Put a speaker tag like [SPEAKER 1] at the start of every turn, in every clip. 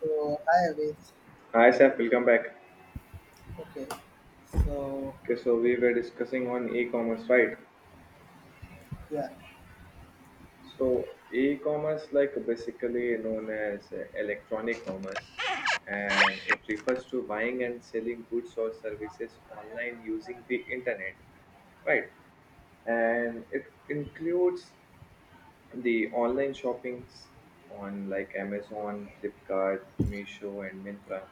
[SPEAKER 1] So I agree.
[SPEAKER 2] Hi Saf, welcome back.
[SPEAKER 1] Okay. So
[SPEAKER 2] Okay, so we were discussing on e-commerce, right?
[SPEAKER 1] yeah,
[SPEAKER 2] So e-commerce, like basically known as electronic commerce, and it refers to buying and selling goods or services online using the internet, right? And it includes the online shoppings on like Amazon, Flipkart, Meesho, and Mintra.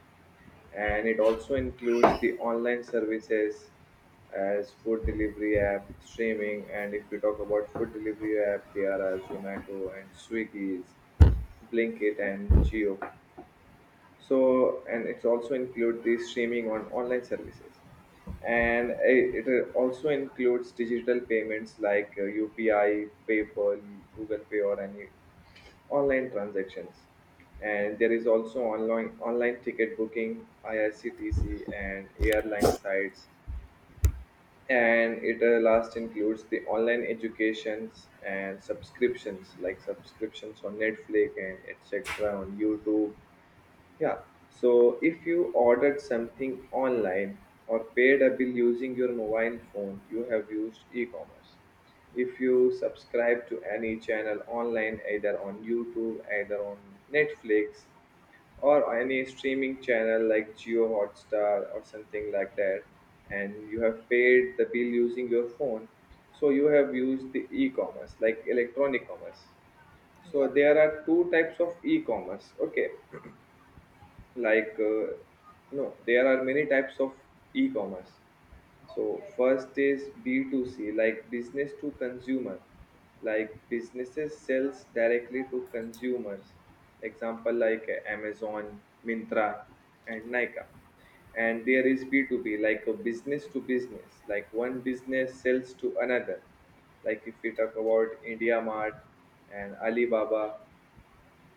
[SPEAKER 2] And it also includes the online services as food delivery app streaming. And if we talk about food delivery app, there are Zomato and Swiggy's, Blinkit and Geo. So and it's also include the streaming on online services. And it also includes digital payments like UPI, PayPal, Google Pay, or any online transactions. And there is also online ticket booking, IRCTC and airline sites. And it last includes the online educations and subscriptions like subscriptions on Netflix and etc on YouTube, yeah. So if you ordered something online or paid a bill using your mobile phone, you have used e-commerce. If you subscribe to any channel online, either on YouTube, either on Netflix, or any streaming channel like Geo Hotstar or something like that, and you have paid the bill using your phone, so you have used the e-commerce, like electronic commerce. So
[SPEAKER 1] yeah.
[SPEAKER 2] there are two types of e-commerce. Okay, like uh, no, there are many types of e-commerce. So first is b2c, like business to consumer, like businesses sells directly to consumers. Example like Amazon, Mintra, and Nika. And there is b2b, like a business to business, like one business sells to another. Like if we talk about India Mart and Alibaba.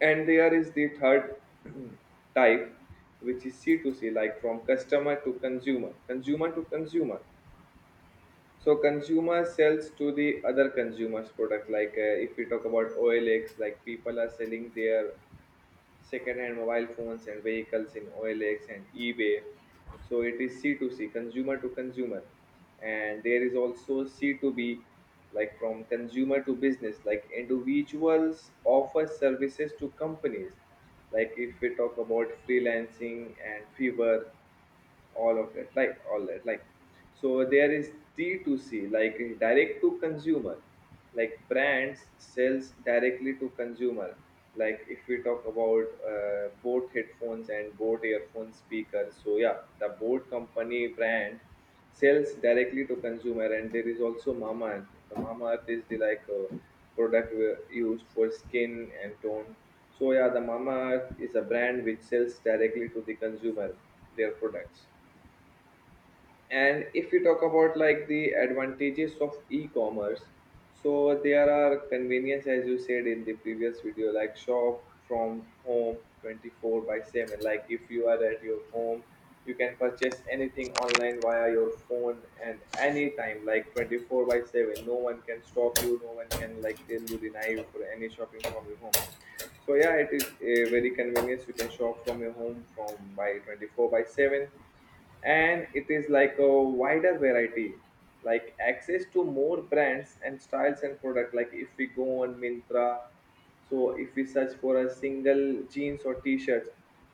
[SPEAKER 2] And there is the third type, which is c to c, like from customer to consumer, consumer to consumer. So consumer sells to the other consumers product. Like if we talk about OLX, like people are selling their second-hand mobile phones and vehicles in OLX and eBay. So it is C to C2C, consumer to consumer. And there is also c to b, like from consumer to business, like individuals offer services to companies. Like if we talk about freelancing and Fiverr, all of that, like all that, like so there is d2c, like direct to consumer, like brands sells directly to consumer. Like if we talk about Boat headphones and Boat earphone speakers, so yeah, the Boat company brand sells directly to consumer. And there is also Mamaearth. The Mamaearth is the product used for skin and tone. So yeah, the Mamaearth is a brand which sells directly to the consumer their products. And if we talk about like the advantages of e-commerce, so there are convenience, as you said in the previous video, like shop from home 24 by 7. Like if you are at your home, you can purchase anything online via your phone and anytime, like 24 by 7, no one can stop you, no one can like tell you, deny you for any shopping from your home. So yeah, it is a very convenience, you can shop from your home from by 24 by 7. And it is like a wider variety, like access to more brands and styles and product. Like if we go on Mintra, so if we search for a single jeans or t-shirts,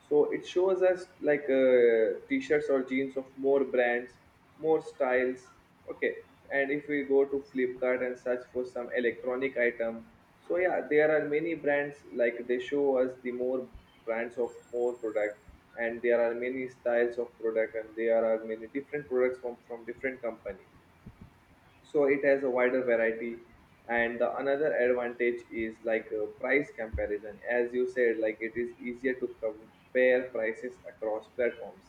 [SPEAKER 2] so it shows us like t-shirts or jeans of more brands, more styles, okay. And if we go to Flipkart and search for some electronic item, so yeah, there are many brands, like they show us the more brands of more product. And there are many styles of product, and there are many different products from different company. So it has a wider variety. And the another advantage is price comparison, as you said, like it is easier to compare prices across platforms.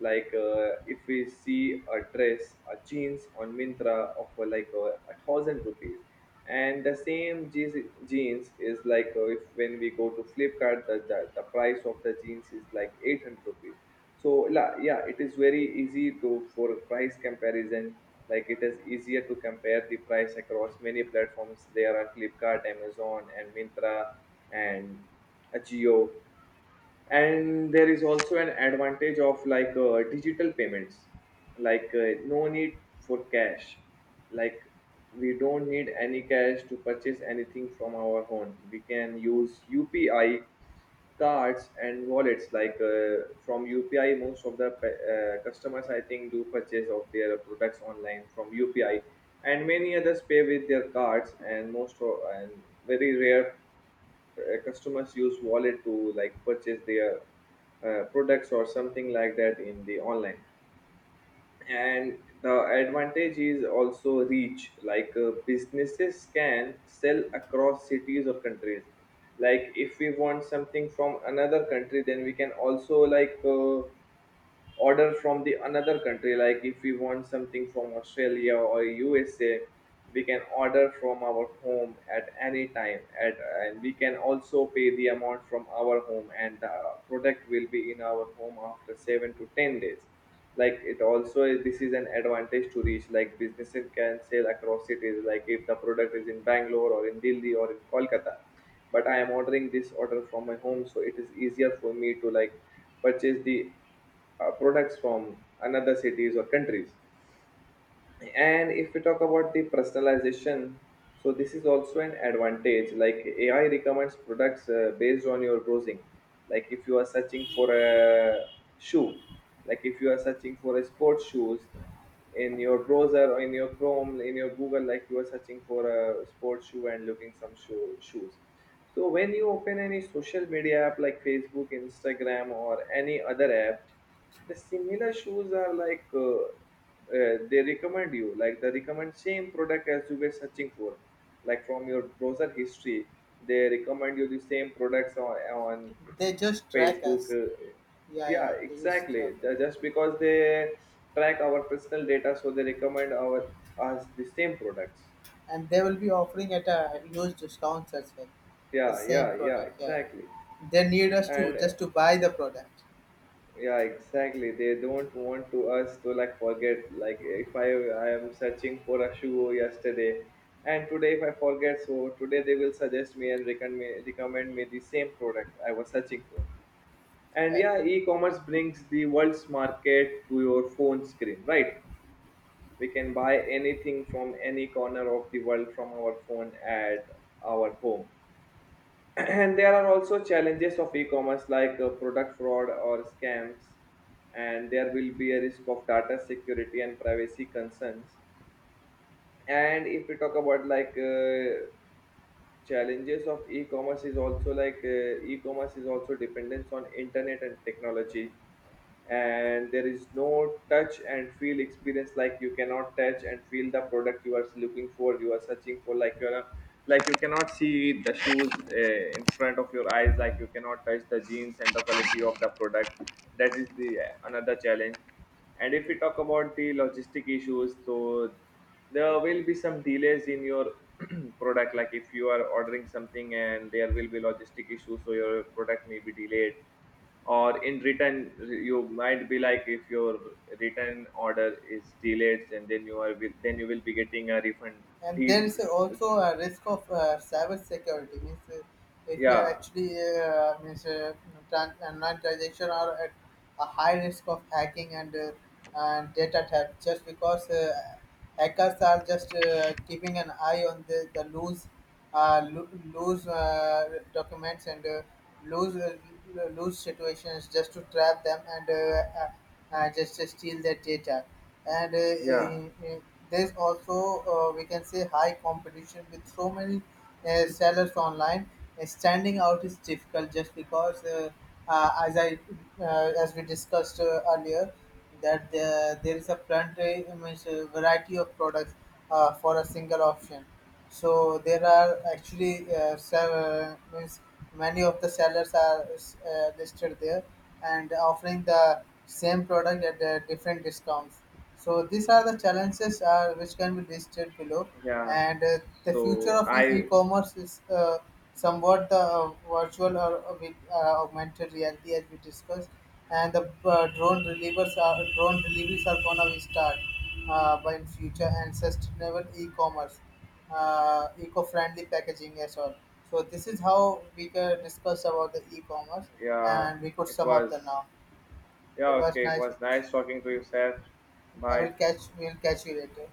[SPEAKER 2] Like if we see a dress, a jeans on Mintra of a thousand rupees, and the same jeans is if when we go to Flipkart, the price of the jeans is like 800 rupees. So yeah, it is very easy to for price comparison. Like it is easier to compare the price across many platforms, there are Flipkart, Amazon, and Mintra, and Ajio. And there is also an advantage of digital payments, no need for cash. Like we don't need any cash to purchase anything from our home, we can use UPI, cards, and wallets. Like from UPI, most of the customers, I think, do purchase of their products online from UPI. And many others pay with their cards. And and very rare customers use wallet to like purchase their products or something like that in the online. And the advantage is also reach, businesses can sell across cities or countries. Like if we want something from another country, then we can also order from the another country. Like if we want something from Australia or USA, we can order from our home at any time at. And we can also pay the amount from our home, and the product will be in our home after 7 to 10 days. Like it also is, this is an advantage to reach, like businesses can sell across cities. Like if the product is in Bangalore or in Delhi or in Kolkata, but I am ordering this order from my home, so it is easier for me to like purchase the products from another cities or countries. And if we talk about the personalization, so this is also an advantage, like AI recommends products based on your browsing. Like if you are searching for a shoe, like if you are searching for a sports shoes in your browser or in your Chrome, in your Google, like you are searching for a sports shoe and looking some shoes, so when you open any social media app like Facebook, Instagram, or any other app, the similar shoes are they recommend you, like they recommend same product as you were searching for, like from your browser history. They recommend you the same products on
[SPEAKER 1] They just track
[SPEAKER 2] Facebook.
[SPEAKER 1] us. Yeah, yeah.
[SPEAKER 2] Yeah,
[SPEAKER 1] They just
[SPEAKER 2] exactly.
[SPEAKER 1] track us,
[SPEAKER 2] Just because they track our personal data, so they recommend our us the same products.
[SPEAKER 1] and they will be offering at a huge discounts as well. The
[SPEAKER 2] Yeah,
[SPEAKER 1] same
[SPEAKER 2] yeah, yeah,
[SPEAKER 1] product. Yeah.
[SPEAKER 2] exactly.
[SPEAKER 1] They need us to
[SPEAKER 2] And
[SPEAKER 1] just to buy the product.
[SPEAKER 2] yeah, exactly, they don't want to us to like forget. Like if I am searching for a shoe yesterday, and today if I forget, so today they will suggest me and recommend me the same product I was searching for. And
[SPEAKER 1] Yeah.
[SPEAKER 2] yeah, e-commerce brings the world's market to your phone screen, right? We can buy anything from any corner of the world from our phone at our home. And there are also challenges of e-commerce, like product fraud or scams. And there will be a risk of data security and privacy concerns. And if we talk about challenges of e-commerce is also e-commerce is also dependence on internet and technology. And there is no touch and feel experience. Like you cannot touch and feel the product you are looking for, you are searching for. Like like you cannot see the shoes in front of your eyes. Like you cannot touch the jeans and the quality of the product, that is the another challenge. And if we talk about the logistic issues, so there will be some delays in your product. Like if you are ordering something and there will be logistic issues, so your product may be delayed. Or in written, you might be, like if your written order is delayed, and then then you will be getting a refund
[SPEAKER 1] And
[SPEAKER 2] deal.
[SPEAKER 1] there is also a risk of cyber security means, if you are
[SPEAKER 2] Yeah,
[SPEAKER 1] actually, means, online transaction are at a high risk of hacking and, data theft just because hackers are just keeping an eye on the loose, uh, lo- loose, documents and, loose, loose situations just to trap them and, just to steal their data. And,
[SPEAKER 2] yeah,
[SPEAKER 1] there's also, we can say high competition with so many sellers online. Standing out is difficult just because, as I, as we discussed earlier, that there is a plenty, I mean, variety of products for a single option. So there are actually, seven, means many of the sellers are listed there and offering the same product at the different discounts. So these are the challenges which can be listed below.
[SPEAKER 2] yeah,
[SPEAKER 1] And the future
[SPEAKER 2] so
[SPEAKER 1] of
[SPEAKER 2] I,
[SPEAKER 1] e-commerce is, somewhat the, virtual or, with, augmented reality, as we discussed. And the drone deliveries are gonna be start by in future, and sustainable e-commerce, eco-friendly packaging as well. So this is how we can discuss about the e-commerce,
[SPEAKER 2] yeah
[SPEAKER 1] and we could
[SPEAKER 2] it
[SPEAKER 1] sum up the
[SPEAKER 2] was,
[SPEAKER 1] now.
[SPEAKER 2] yeah,
[SPEAKER 1] It was
[SPEAKER 2] okay, it
[SPEAKER 1] nice.
[SPEAKER 2] was nice talking to you, sir.
[SPEAKER 1] I
[SPEAKER 2] Bye.
[SPEAKER 1] will catch. We'll catch you later.